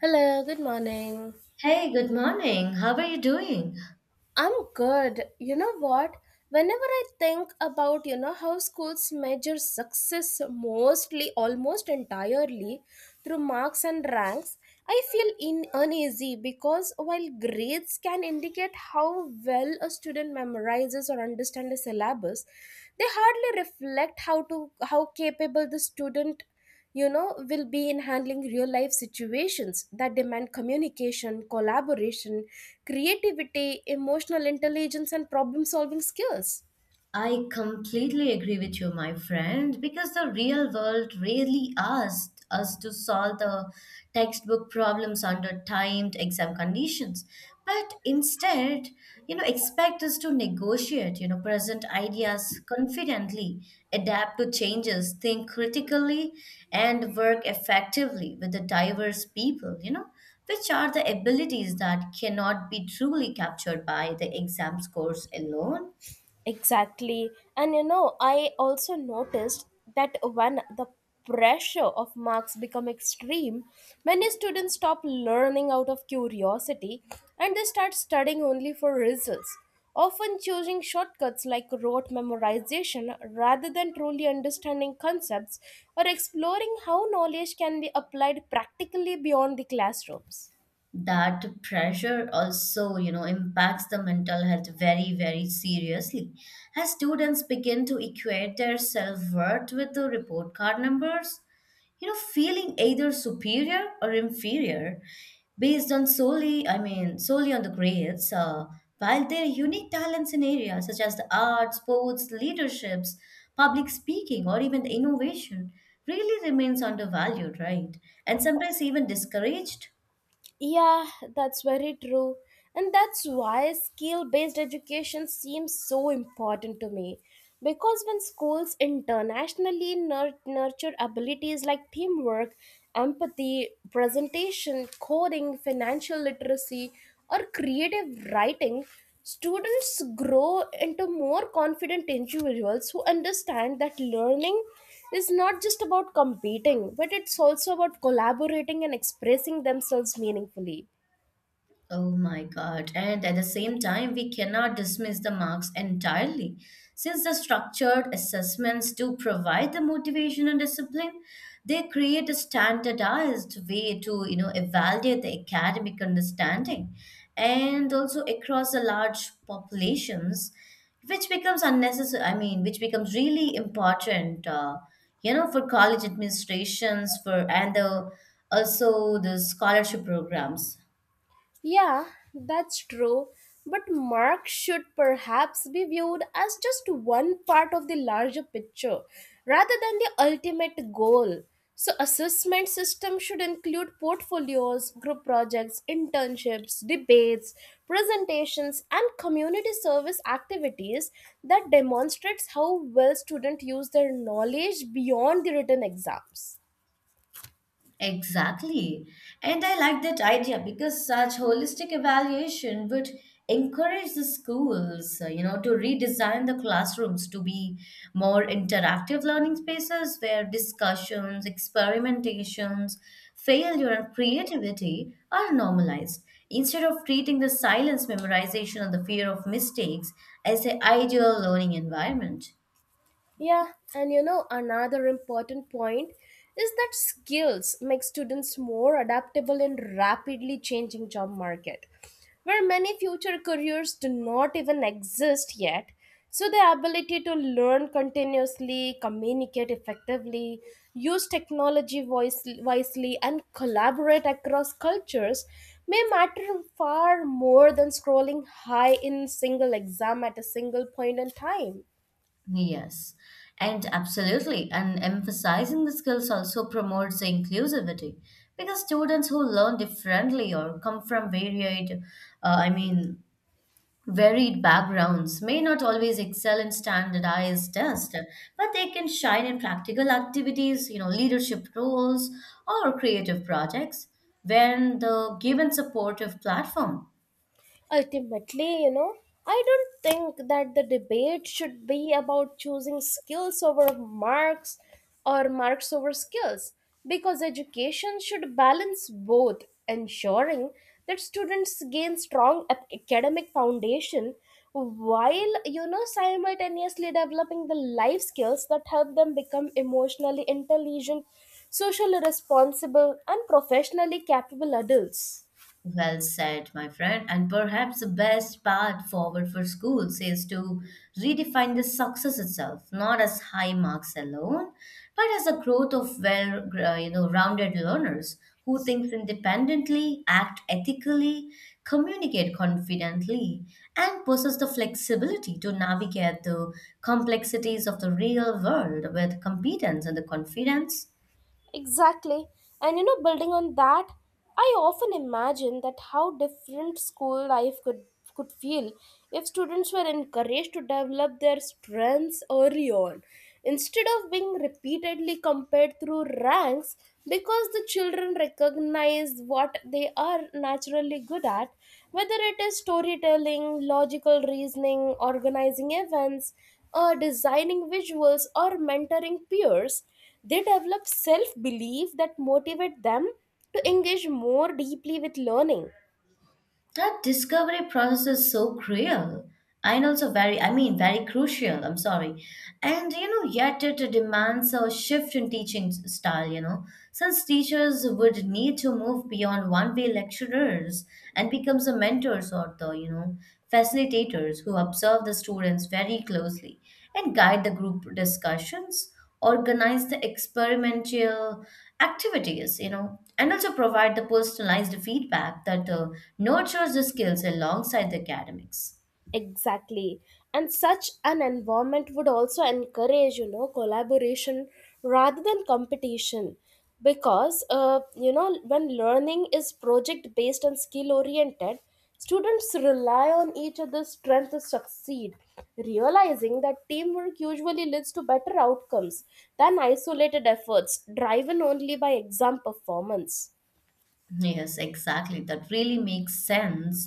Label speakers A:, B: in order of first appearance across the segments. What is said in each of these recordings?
A: Hello, good morning.
B: Hey, good morning. How are you doing?
A: I'm good. You know what? Whenever I think about, how schools measure success mostly, almost entirely through marks and ranks, I feel in uneasy because while grades can indicate how well a student memorizes or understands a syllabus, they hardly reflect how capable the student will be in handling real life situations that demand communication collaboration creativity emotional intelligence and problem solving skills.
B: I completely agree with you, my friend, because the real world rarely asks us to solve the textbook problems under timed exam conditions, but instead, expect us to negotiate, present ideas confidently, adapt to changes, think critically, and work effectively with the diverse people, which are the abilities that cannot be truly captured by the exam scores alone.
A: Exactly. And I also noticed that when the pressure of marks become extreme, many students stop learning out of curiosity, and they start studying only for results, often choosing shortcuts like rote memorization rather than truly understanding concepts or exploring how knowledge can be applied practically beyond the classrooms.
B: That pressure also impacts the mental health very very seriously, as students begin to equate their self-worth with the report card numbers, feeling either superior or inferior based on solely, I mean, solely on the grades, while their unique talents in areas such as the arts, sports, leaderships, public speaking, or even the innovation really remains undervalued, right? And sometimes even discouraged.
A: Yeah, that's very true. And that's why skill based education seems so important to me. Because when schools internationally nurture abilities like teamwork, empathy, presentation, coding, financial literacy, or creative writing, students grow into more confident individuals who understand that learning is not just about competing, but it's also about collaborating and expressing themselves meaningfully.
B: Oh my God. And at the same time, we cannot dismiss the marks entirely, since the structured assessments do provide the motivation and discipline. They create a standardized way to, evaluate the academic understanding and also across the large populations, which becomes unnecessary, I mean, which becomes really important, for college administrations, for and the also the scholarship programs.
A: Yeah, that's true. But marks should perhaps be viewed as just one part of the larger picture rather than the ultimate goal. So assessment system should include portfolios, group projects, internships, debates, presentations and community service activities that demonstrates how well students use their knowledge beyond the written exams.
B: Exactly. And I like that idea because such holistic evaluation would encourage the schools, to redesign the classrooms to be more interactive learning spaces where discussions, experimentations, failure, and creativity are normalized. Instead of treating the silence memorization and the fear of mistakes as an ideal learning environment.
A: Yeah, and another important point is that skills make students more adaptable in rapidly changing job market, where many future careers do not even exist yet. So the ability to learn continuously, communicate effectively, use technology wisely, and collaborate across cultures may matter far more than scrolling high in single exam at a single point in time.
B: Yes, and absolutely. And emphasizing the skills also promotes the inclusivity because students who learn differently or come from varied, I mean, varied backgrounds may not always excel in standardized tests, but they can shine in practical activities, leadership roles, or creative projects when the given supportive platform.
A: Ultimately, I don't think that the debate should be about choosing skills over marks or marks over skills, because education should balance both, ensuring that students gain strong academic foundation while simultaneously developing the life skills that help them become emotionally intelligent, socially responsible and professionally capable adults.
B: Well said, my friend. And perhaps the best path forward for schools is to redefine the success itself, not as high marks alone, but as a growth of well, rounded learners who thinks independently, act ethically, communicate confidently, and possess the flexibility to navigate the complexities of the real world with competence and the confidence.
A: Exactly. And building on that, I often imagine that how different school life could feel if students were encouraged to develop their strengths early on instead of being repeatedly compared through ranks, because the children recognize what they are naturally good at, whether it is storytelling, logical reasoning, organizing events or designing visuals or mentoring peers. They develop self belief that motivate them to engage more deeply with learning.
B: That discovery process is so cruel and also very, I mean, very crucial. I'm sorry. And yet it demands a shift in teaching style, since teachers would need to move beyond one way lecturers and becomes the mentors or the facilitators who observe the students very closely and guide the group discussions, organize the experimental activities, and also provide the personalized feedback that nurtures the skills alongside the academics.
A: Exactly. And such an environment would also encourage, collaboration rather than competition. Because, when learning is project based and skill oriented, students rely on each other's strength to succeed, realizing that teamwork usually leads to better outcomes than isolated efforts driven only by exam performance.
B: Yes, exactly. That really makes sense.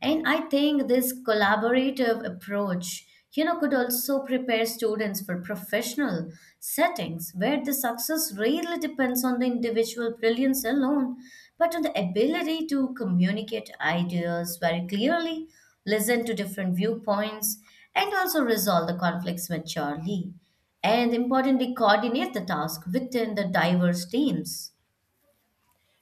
B: And I think this collaborative approach, could also prepare students for professional settings where the success really depends on the individual brilliance alone, but on the ability to communicate ideas very clearly, listen to different viewpoints, and also resolve the conflicts maturely, and importantly, coordinate the task within the diverse teams.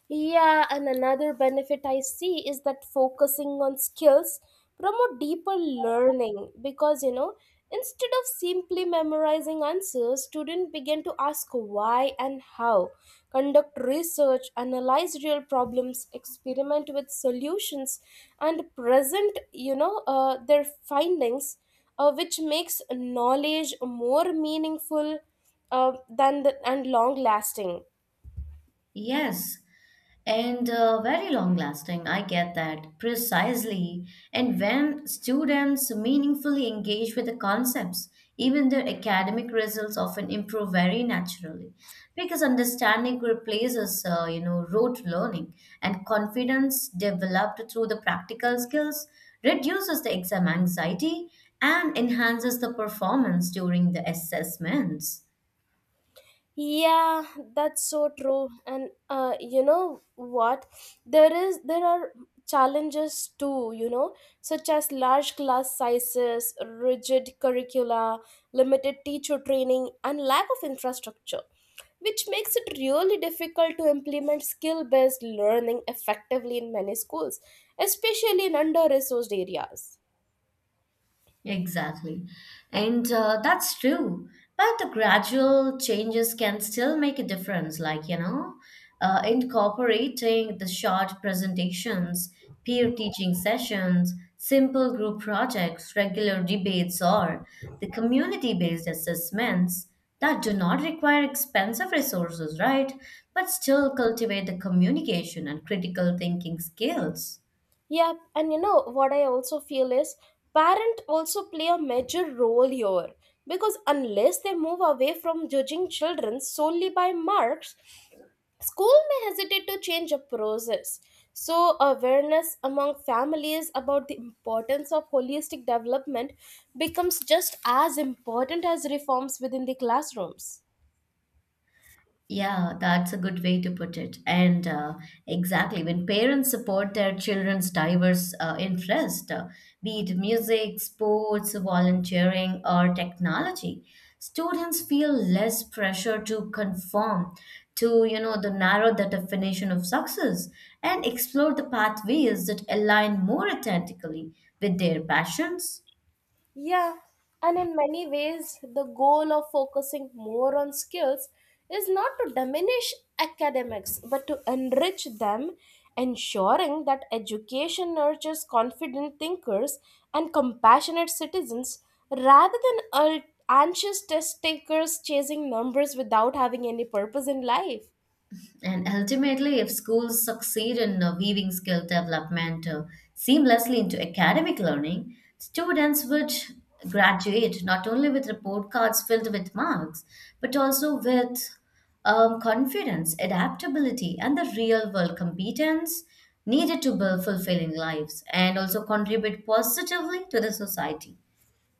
A: Yeah, and another benefit I see is that focusing on skills promote deeper learning, because instead of simply memorizing answers, students begin to ask why and how, conduct research, analyze real problems, experiment with solutions, and present their findings, which makes knowledge more meaningful and long lasting.
B: Yes, and very long lasting. I get that precisely. And when students meaningfully engage with the concepts, even their academic results often improve very naturally, because understanding replaces, rote learning, and confidence developed through the practical skills reduces the exam anxiety and enhances the performance during the assessments.
A: Yeah, that's so true. And what, there are challenges too, such as large class sizes, rigid curricula, limited teacher training and lack of infrastructure, which makes it really difficult to implement skill based learning effectively in many schools, especially in under resourced areas.
B: Exactly. And that's true. But the gradual changes can still make a difference, like, incorporating the short presentations, peer teaching sessions, simple group projects, regular debates, or the community based assessments that do not require expensive resources, right? But still cultivate the communication and critical thinking skills.
A: Yep, and what I also feel is parent also play a major role here, because unless they move away from judging children solely by marks, school may hesitate to change a process. So awareness among families about the importance of holistic development becomes just as important as reforms within the classrooms.
B: Yeah, that's a good way to put it. And exactly, when parents support their children's diverse interest, be it music, sports, volunteering, or technology, students feel less pressure to conform to, the definition of success, and explore the pathways that align more authentically with their passions.
A: Yeah, and in many ways, the goal of focusing more on skills is not to diminish academics but to enrich them, ensuring that education nurtures confident thinkers and compassionate citizens rather than anxious test takers chasing numbers without having any purpose in life.
B: And ultimately, if schools succeed in weaving skill development seamlessly into academic learning, students would graduate not only with report cards filled with marks, but also with confidence, adaptability, and the real world competence needed to build fulfilling lives and also contribute positively to the society.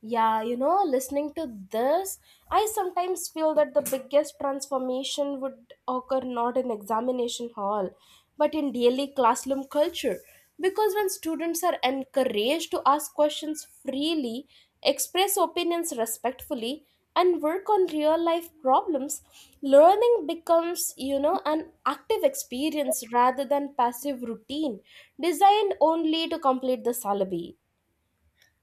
A: Yeah, listening to this, I sometimes feel that the biggest transformation would occur not in examination hall, but in daily classroom culture. Because when students are encouraged to ask questions freely, express opinions respectfully, and work on real life problems, learning becomes, an active experience rather than passive routine designed only to complete the syllabi.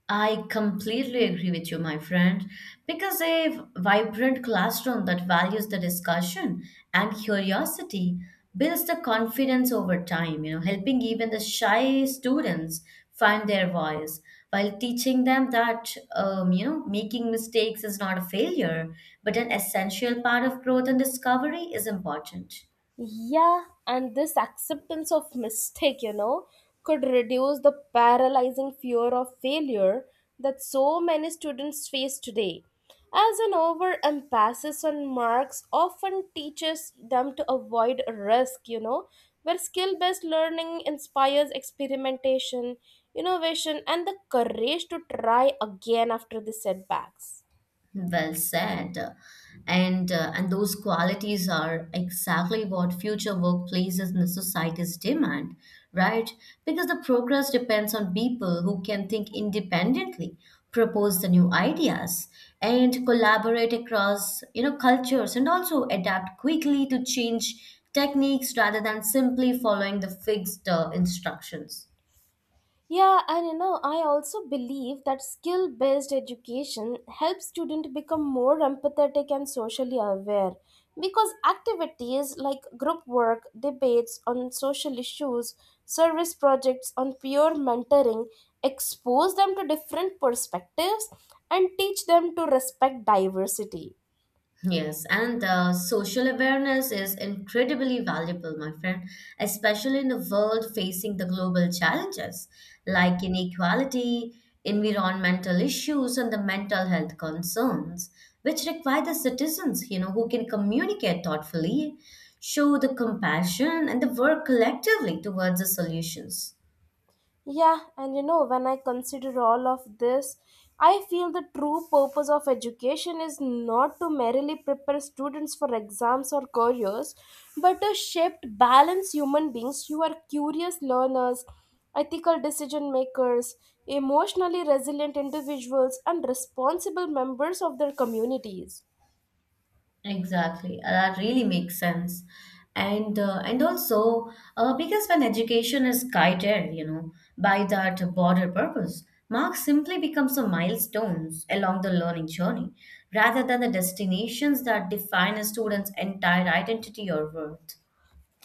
B: I completely agree with you, my friend, because a vibrant classroom that values the discussion and curiosity builds the confidence over time, helping even the shy students find their voice, while teaching them that, making mistakes is not a failure, but an essential part of growth and discovery is important.
A: Yeah, and this acceptance of mistake, could reduce the paralyzing fear of failure that so many students face today. As an overemphasis on marks often teaches them to avoid risk, where skill based learning inspires experimentation, innovation, and the courage to try again after the setbacks.
B: Well said. And those qualities are exactly what future workplaces and societies demand, right? Because the progress depends on people who can think independently, propose the new ideas, and collaborate across, cultures, and also adapt quickly to change techniques rather than simply following the fixed instructions.
A: Yeah, and I also believe that skill based education helps students become more empathetic and socially aware, because activities like group work, debates on social issues, service projects on peer mentoring expose them to different perspectives and teach them to respect diversity.
B: Yes, and social awareness is incredibly valuable, my friend, especially in a world facing the global challenges like inequality, environmental issues, and the mental health concerns, which require the citizens, who can communicate thoughtfully, show the compassion, and the work collectively towards the solutions.
A: Yeah, and when I consider all of this, I feel the true purpose of education is not to merely prepare students for exams or careers, but to shape balanced human beings who are curious learners, ethical decision makers, emotionally resilient individuals, and responsible members of their communities.
B: Exactly. That really makes sense, and also, because when education is guided, by that broader purpose, marks simply become some milestones along the learning journey, rather than the destinations that define a student's entire identity or worth.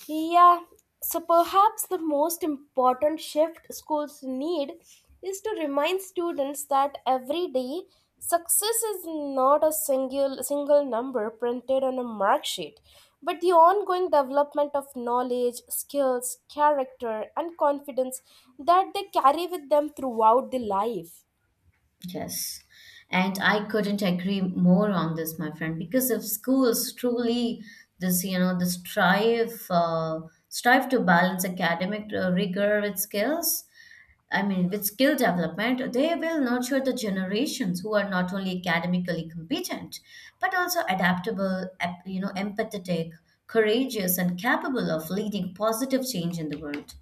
A: Yeah, so perhaps the most important shift schools need is to remind students that every day success is not a single number printed on a mark sheet, but the ongoing development of knowledge, skills, character and confidence that they carry with them throughout the life.
B: Yes. And I couldn't agree more on this, my friend, because if schools truly this, you know, the strive strive to balance academic rigor with skills, I mean, with skill development, they will nurture the generations who are not only academically competent, but also adaptable, empathetic, courageous, and capable of leading positive change in the world.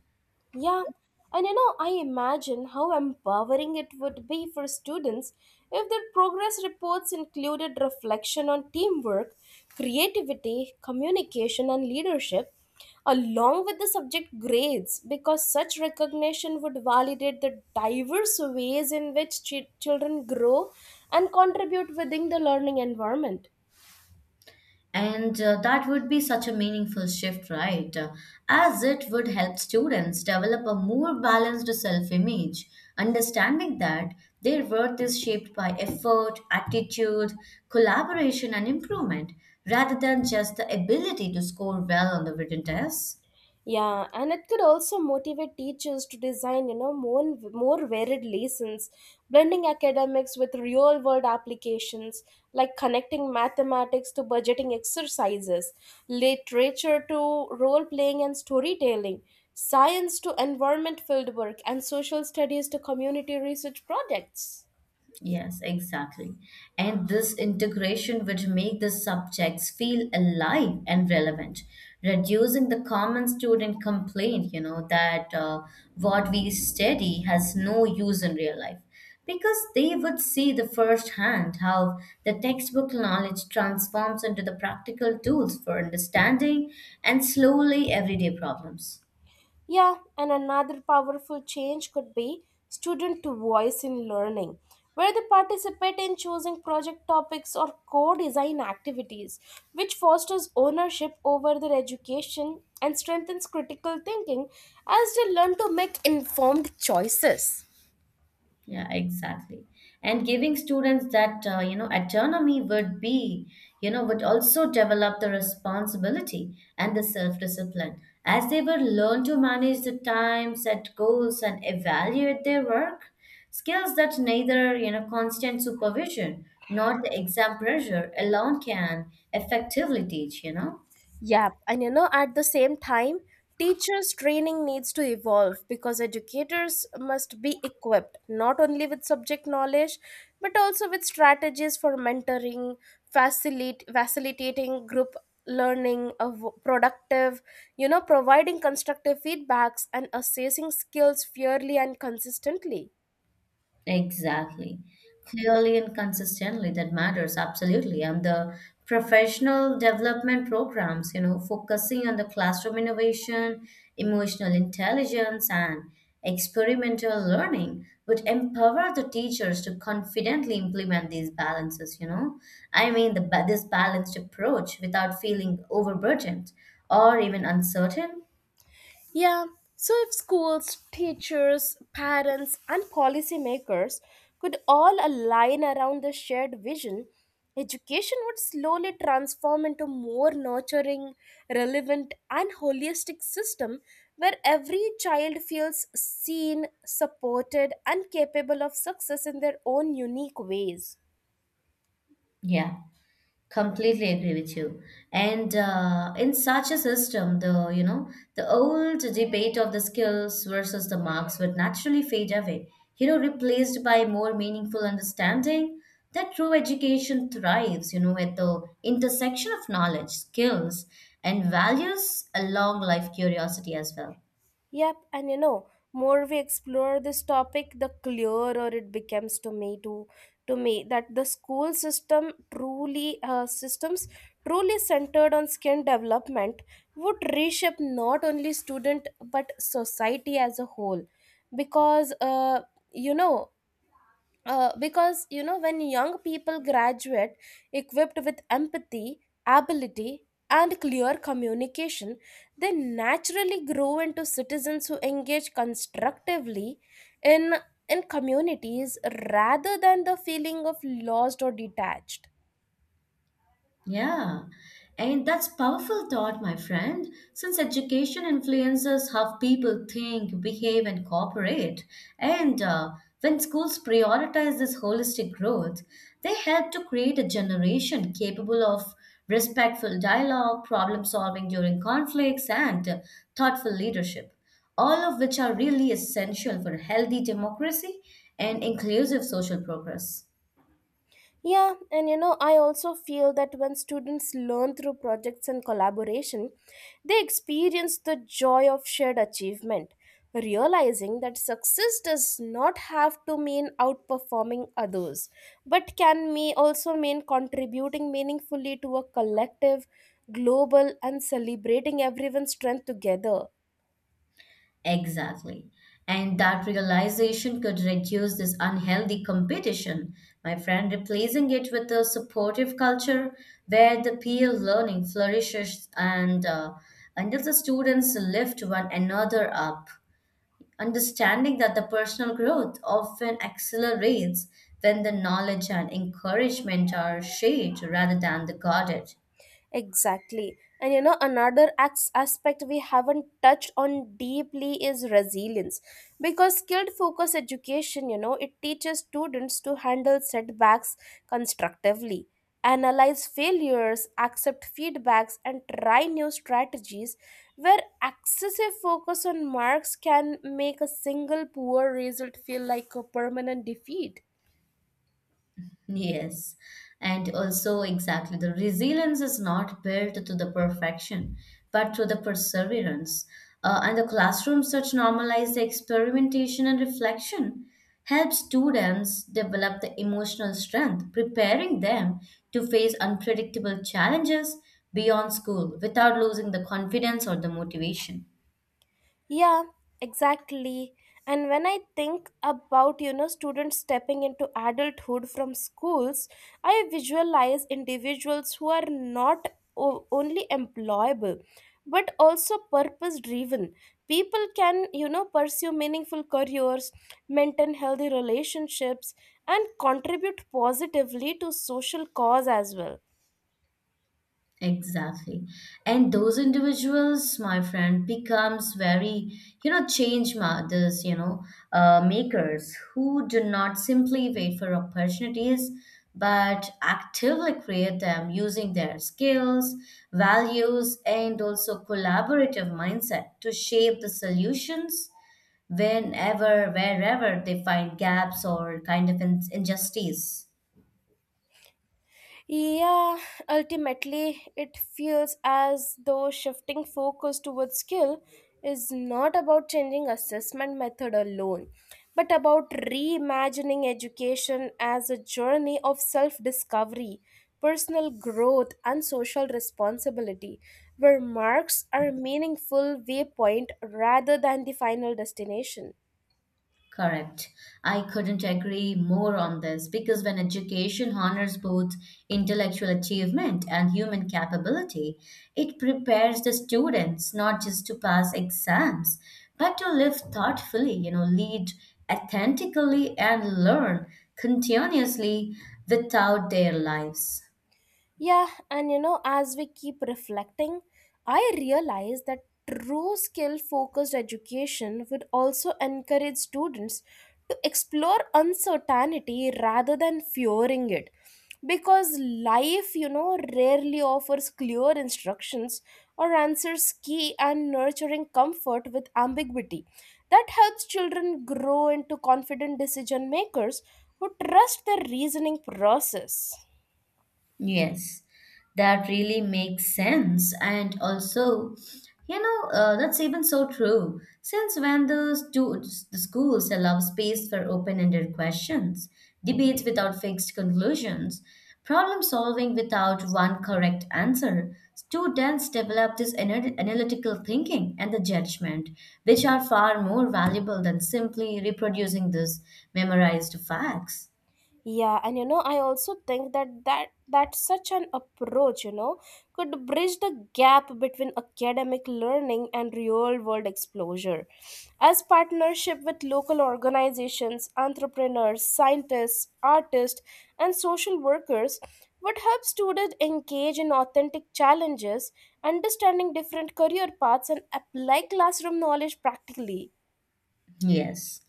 A: Yeah, and I imagine how empowering it would be for students if their progress reports included reflection on teamwork, creativity, communication, and leadership, along with the subject grades, because such recognition would validate the diverse ways in which children grow and contribute within the learning environment.
B: And that would be such a meaningful shift, right? As it would help students develop a more balanced self image, understanding that their worth is shaped by effort, attitude, collaboration, and improvement, rather than just the ability to score well on the written tests.
A: Yeah, and it could also motivate teachers to design, more varied lessons, blending academics with real world applications, like connecting mathematics to budgeting exercises, literature to role playing and storytelling, science to environment field work, and social studies to community research projects.
B: Yes, exactly. And this integration would make the subjects feel alive and relevant, reducing the common student complaint, that what we study has no use in real life. Because they would see the first hand how the textbook knowledge transforms into the practical tools for understanding and slowly everyday problems.
A: Yeah, and another powerful change could be student to voice in learning, where they participate in choosing project topics or co design activities, which fosters ownership over their education and strengthens critical thinking as they learn to make informed choices.
B: Yeah, exactly. And giving students that, autonomy, would be, you know, would also develop the responsibility and the self-discipline as they would learn to manage the time, set goals, and evaluate their work. Skills that neither, constant supervision nor the exam pressure alone can effectively teach.
A: Yep, and at the same time, teachers' training needs to evolve because educators must be equipped not only with subject knowledge but also with strategies for mentoring, facilitating group learning, of productive, providing constructive feedbacks and assessing skills fairly and consistently.
B: Exactly. Clearly and consistently, that matters absolutely. And the professional development programs, focusing on the classroom innovation, emotional intelligence, and experimental learning would empower the teachers to confidently implement these balances. I mean, this balanced approach without feeling overburdened or even uncertain.
A: Yeah, so if schools, teachers, parents, and policymakers could all align around this shared vision, education would slowly transform into a more nurturing, relevant, and holistic system where every child feels seen, supported, and capable of success in their own unique ways.
B: Yeah. Completely agree with you. And in such a system, the you know the old debate of the skills versus the marks would naturally fade away. Replaced by more meaningful understanding that true education thrives. At the intersection of knowledge, skills, and values, along life curiosity as well.
A: Yep, and more we explore this topic, the clearer it becomes to me that the school system truly systems truly centered on skin development would reshape not only student but society as a whole, because you know when young people graduate equipped with empathy, ability and clear communication, they naturally grow into citizens who engage constructively in in communities rather than the feeling of lost or detached.
B: Yeah, and that's powerful thought, my friend, since education influences how people think, behave, and cooperate. And when schools prioritize this holistic growth, they help to create a generation capable of respectful dialogue, problem solving during conflicts, and thoughtful leadership, all of which are really essential for a healthy democracy and inclusive social progress.
A: Yeah, and I also feel that when students learn through projects and collaboration, they experience the joy of shared achievement, realizing that success does not have to mean outperforming others, but can may also mean contributing meaningfully to a collective, global, and celebrating everyone's strength together.
B: Exactly. And that realization could reduce this unhealthy competition, my friend, replacing it with a supportive culture where the peer learning flourishes, and until the students lift one another up. Understanding that the personal growth often accelerates when the knowledge and encouragement are shared rather than the guarded.
A: Exactly. And another aspect we haven't touched on deeply is resilience. Because skilled focus education, it teaches students to handle setbacks constructively, analyze failures, accept feedbacks, and try new strategies. Where excessive focus on marks can make a single poor result feel like a permanent defeat.
B: Yes, and also exactly the resilience is not built to the perfection, but to the perseverance. And the classroom such normalized experimentation and reflection helps students develop the emotional strength, preparing them to face unpredictable challenges beyond school without losing the confidence or the motivation.
A: Yeah, exactly. And when I think about, students stepping into adulthood from schools, I visualize individuals who are not only employable but also purpose driven. People can, pursue meaningful careers, maintain healthy relationships, and contribute positively to social cause as well.
B: Exactly. And those individuals, my friend, becomes very, change mothers, makers who do not simply wait for opportunities, but actively create them using their skills, values, and also collaborative mindset to shape the solutions whenever, wherever they find gaps or kind of injustice.
A: Yeah, ultimately, it feels as though shifting focus towards skill is not about changing assessment method alone, but about reimagining education as a journey of self discovery, personal growth, and social responsibility, where marks are a meaningful waypoint rather than the final destination.
B: Correct. I couldn't agree more on this because when education honors both intellectual achievement and human capability, it prepares the students not just to pass exams, but to live thoughtfully, lead authentically, and learn continuously without their lives.
A: Yeah, and as we keep reflecting, I realize that true skill focused education would also encourage students to explore uncertainty rather than fearing it. Because life, rarely offers clear instructions or answers key and nurturing comfort with ambiguity. That helps children grow into confident decision makers who trust their reasoning process.
B: Yes, that really makes sense. And also, that's even so true. Since when the schools allow space for open-ended questions, debates without fixed conclusions, problem solving without one correct answer, students develop this analytical thinking and the judgment, which are far more valuable than simply reproducing these memorized facts.
A: Yeah, and I also think that such an approach, could bridge the gap between academic learning and real world exposure. As partnership with local organizations, entrepreneurs, scientists, artists, and social workers would help students engage in authentic challenges, understanding different career paths, and apply classroom knowledge practically.
B: Yes.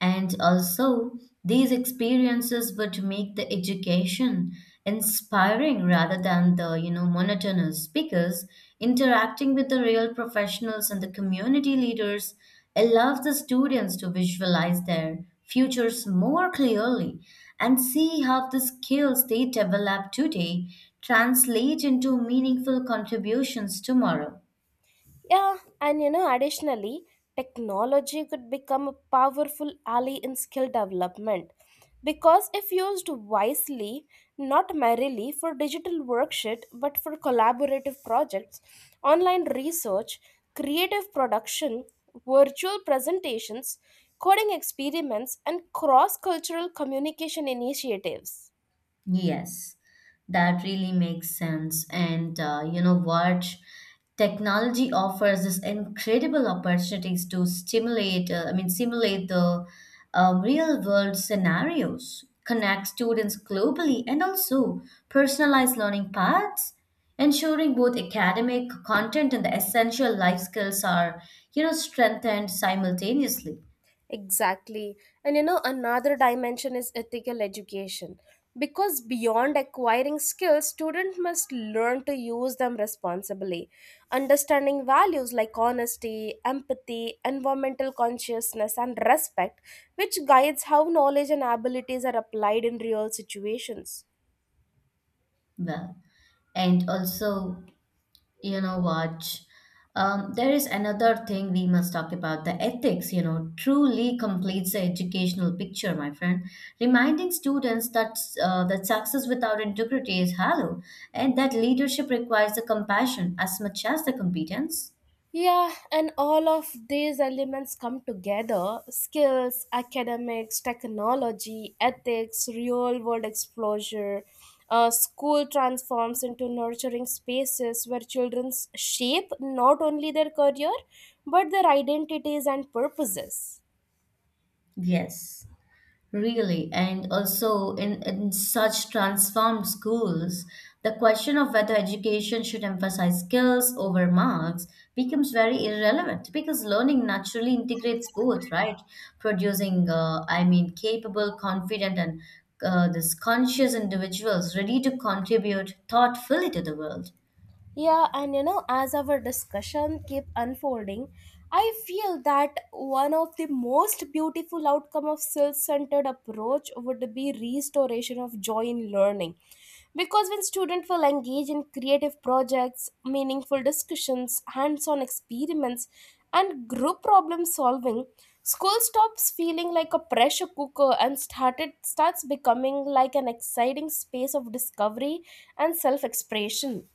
B: And also, these experiences would make the education inspiring rather than monotonous because interacting with the real professionals and the community leaders allows the students to visualize their futures more clearly and see how the skills they develop today translate into meaningful contributions tomorrow.
A: Yeah, and you know, additionally, technology could become a powerful ally in skill development because if used wisely, not merely for digital worksheet but for collaborative projects, online research, creative production, virtual presentations, coding experiments, and cross cultural communication initiatives.
B: Yes, that really makes sense. And you know what? Technology offers us incredible opportunities to simulate the real world scenarios, connect students globally, and also personalize learning paths, ensuring both academic content and the essential life skills are, you know, strengthened simultaneously.
A: Exactly. And you know, another dimension is ethical education. Because beyond acquiring skills, students must learn to use them responsibly. Understanding values like honesty, empathy, environmental consciousness, and respect, which guides how knowledge and abilities are applied in real situations.
B: Well, and also you know what? There is another thing we must talk about the ethics, you know, truly completes the educational picture, my friend. Reminding students that success without integrity is hollow and that leadership requires the compassion as much as the competence.
A: Yeah, and all of these elements come together skills, academics, technology, ethics, real world exposure. School transforms into nurturing spaces where children shape not only their career but their identities and purposes.
B: Yes. Really, and also in such transformed schools, the question of whether education should emphasize skills over marks becomes very irrelevant because learning naturally integrates both, right? Producing capable, confident, and this conscious individuals ready to contribute thoughtfully to the world.
A: Yeah, and you know, as our discussion keep unfolding, I feel that one of the most beautiful outcome of self-centered approach would be restoration of joy in learning. Because when students will engage in creative projects, meaningful discussions, hands-on experiments, and group problem solving, school stops feeling like a pressure cooker and started starts becoming like an exciting space of discovery and self-expression.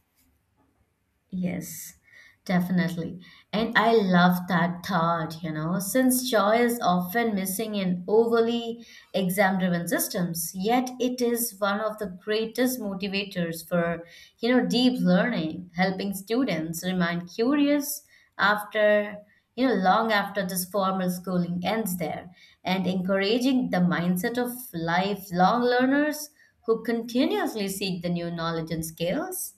B: Yes, definitely. And I love that thought, you know, since joy is often missing in overly exam-driven systems, yet it is one of the greatest motivators for, you know, deep learning, helping students remain curious after, you know, long after this formal schooling ends there, and encouraging the mindset of lifelong learners who continuously seek the new knowledge and skills.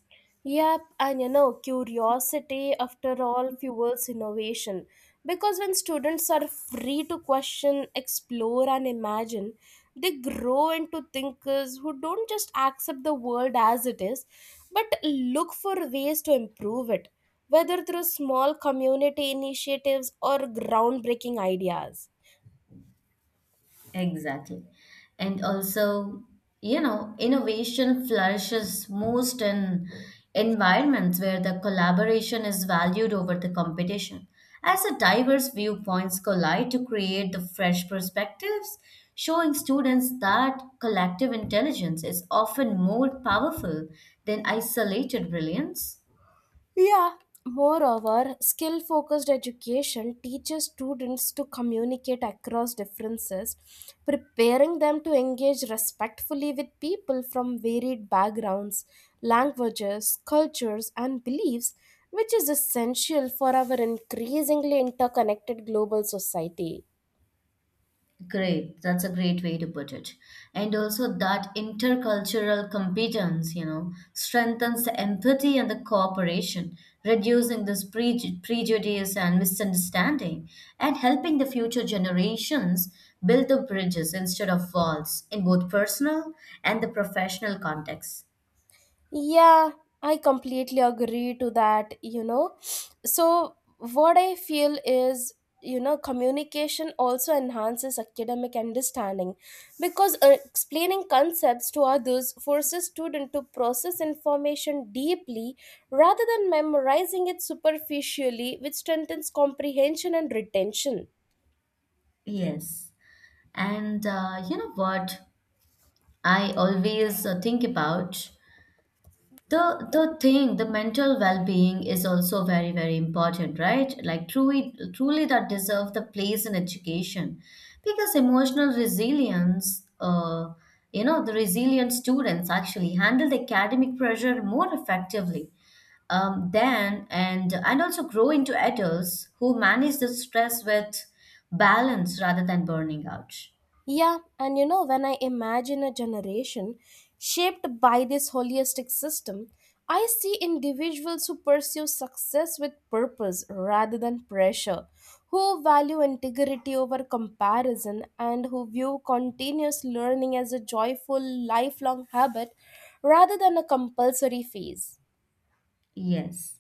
A: Yep, and you know, curiosity after all fuels innovation. Because when students are free to question, explore, and imagine, they grow into thinkers who don't just accept the world as it is, but look for ways to improve it, whether through small community initiatives or groundbreaking ideas.
B: Exactly. And also, you know, innovation flourishes most in environments where the collaboration is valued over the competition. As the diverse viewpoints collide to create the fresh perspectives, showing students that collective intelligence is often more powerful than isolated brilliance.
A: Yeah. Moreover, skill focused education teaches students to communicate across differences, preparing them to engage respectfully with people from varied backgrounds, languages, cultures, and beliefs, which is essential for our increasingly interconnected global society.
B: Great. That's a great way to put it. And also that intercultural competence, you know, strengthens the empathy and the cooperation, reducing this prejudice and misunderstanding, and helping the future generations build the bridges instead of walls in both personal and the professional contexts.
A: Yeah, I completely agree to that, you know. So, what I feel is, you know, communication also enhances academic understanding because explaining concepts to others forces student to process information deeply rather than memorizing it superficially, which strengthens comprehension and retention.
B: Yes. And you know what I always think about? The thing, the mental well-being is also very, very important, right? Like truly that deserve the place in education. Because emotional resilience, you know, the resilient students actually handle the academic pressure more effectively. Then and also grow into adults who manage the stress with balance rather than burning out.
A: Yeah, and you know, when I imagine a generation shaped by this holistic system, I see individuals who pursue success with purpose rather than pressure, who value integrity over comparison, and who view continuous learning as a joyful, lifelong habit rather than a compulsory phase.
B: Yes.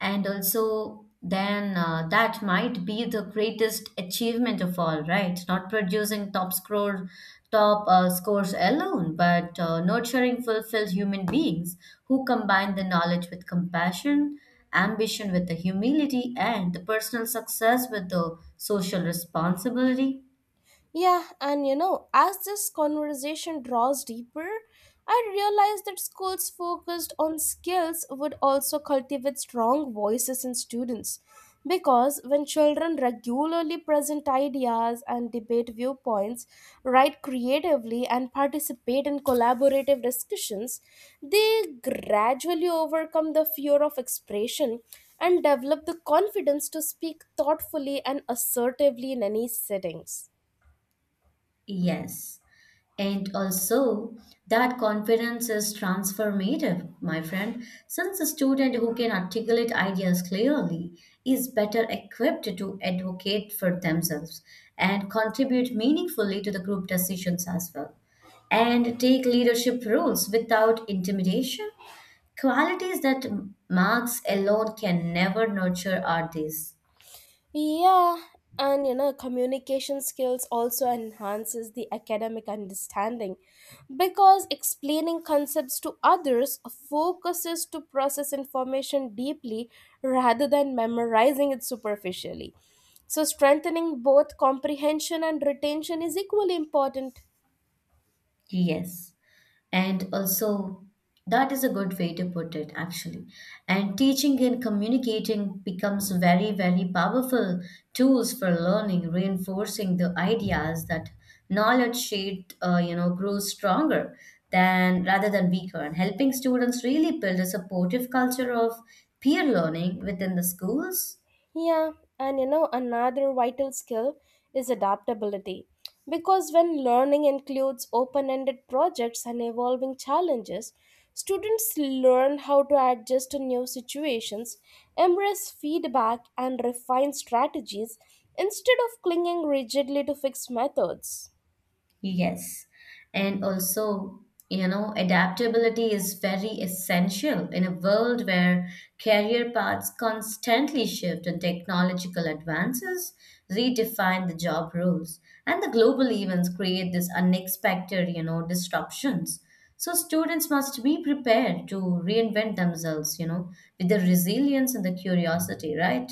B: And also, then that might be the greatest achievement of all, right? Not producing top score, top scores alone, but nurturing fulfilled human beings who combine the knowledge with compassion, ambition with the humility, and the personal success with the social responsibility.
A: Yeah, and you know, as this conversation draws deeper, I realized that schools focused on skills would also cultivate strong voices in students. Because when children regularly present ideas and debate viewpoints, write creatively, and participate in collaborative discussions, they gradually overcome the fear of expression and develop the confidence to speak thoughtfully and assertively in any settings.
B: Yes. And also, that confidence is transformative, my friend, since a student who can articulate ideas clearly is better equipped to advocate for themselves and contribute meaningfully to the group decisions as well, and take leadership roles without intimidation. Qualities that marks alone can never nurture are these.
A: Yeah, and you know, communication skills also enhances the academic understanding because explaining concepts to others focuses to process information deeply rather than memorizing it superficially. So, strengthening both comprehension and retention is equally important.
B: Yes. And also, that is a good way to put it, actually. And teaching and communicating becomes very, very powerful tools for learning, reinforcing the ideas that knowledge sheet, you know, grows stronger than rather than weaker, and helping students really build a supportive culture of peer learning within the schools.
A: Yeah, and you know, another vital skill is adaptability. Because when learning includes open ended projects and evolving challenges, students learn how to adjust to new situations, embrace feedback, and refine strategies instead of clinging rigidly to fixed methods.
B: Yes. And also, you know, adaptability is very essential in a world where career paths constantly shift and technological advances redefine the job roles. And the global events create this unexpected, you know, disruptions. So students must be prepared to reinvent themselves, you know, with the resilience and the curiosity, right?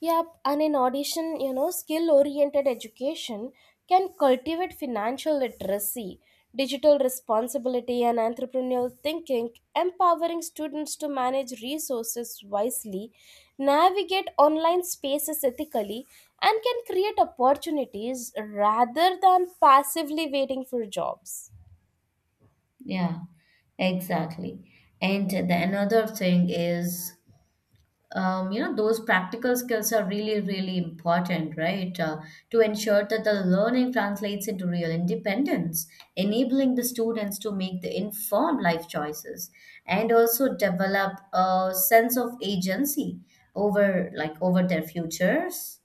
A: Yep, and in addition, you know, skill oriented education can cultivate financial literacy, digital responsibility, and entrepreneurial thinking, empowering students to manage resources wisely, navigate online spaces ethically, and can create opportunities rather than passively waiting for jobs.
B: Yeah, exactly. And the another thing is you know those practical skills are really really important right to ensure that the learning translates into real independence, enabling the students to make the informed life choices and also develop a sense of agency over their futures.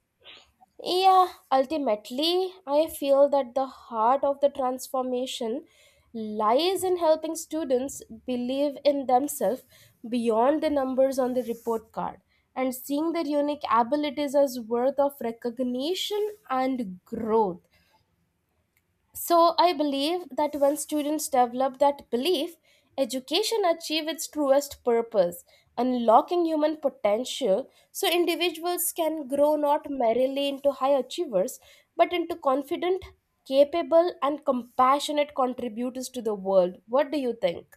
A: Yeah, ultimately, I feel that the heart of the transformation lies in helping students believe in themselves beyond the numbers on the report card and seeing their unique abilities as worth of recognition and growth. So I believe that when students develop that belief, education achieves its truest purpose, unlocking human potential so individuals can grow not merely into high achievers but into confident, capable, and compassionate contributors to the world. What do you think?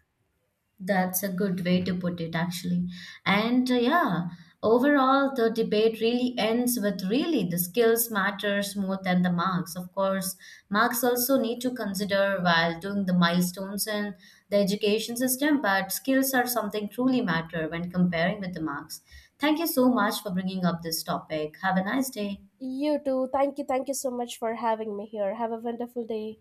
B: That's a good way to put it, actually. And yeah, overall, the debate really ends with really the skills matters more than the marks. Of course, marks also need to consider while doing the milestones in the education system, but skills are something truly matter when comparing with the marks. Thank you so much for bringing up this topic. Have a nice day.
A: You too. Thank you. Thank you so much for having me here. Have a wonderful day.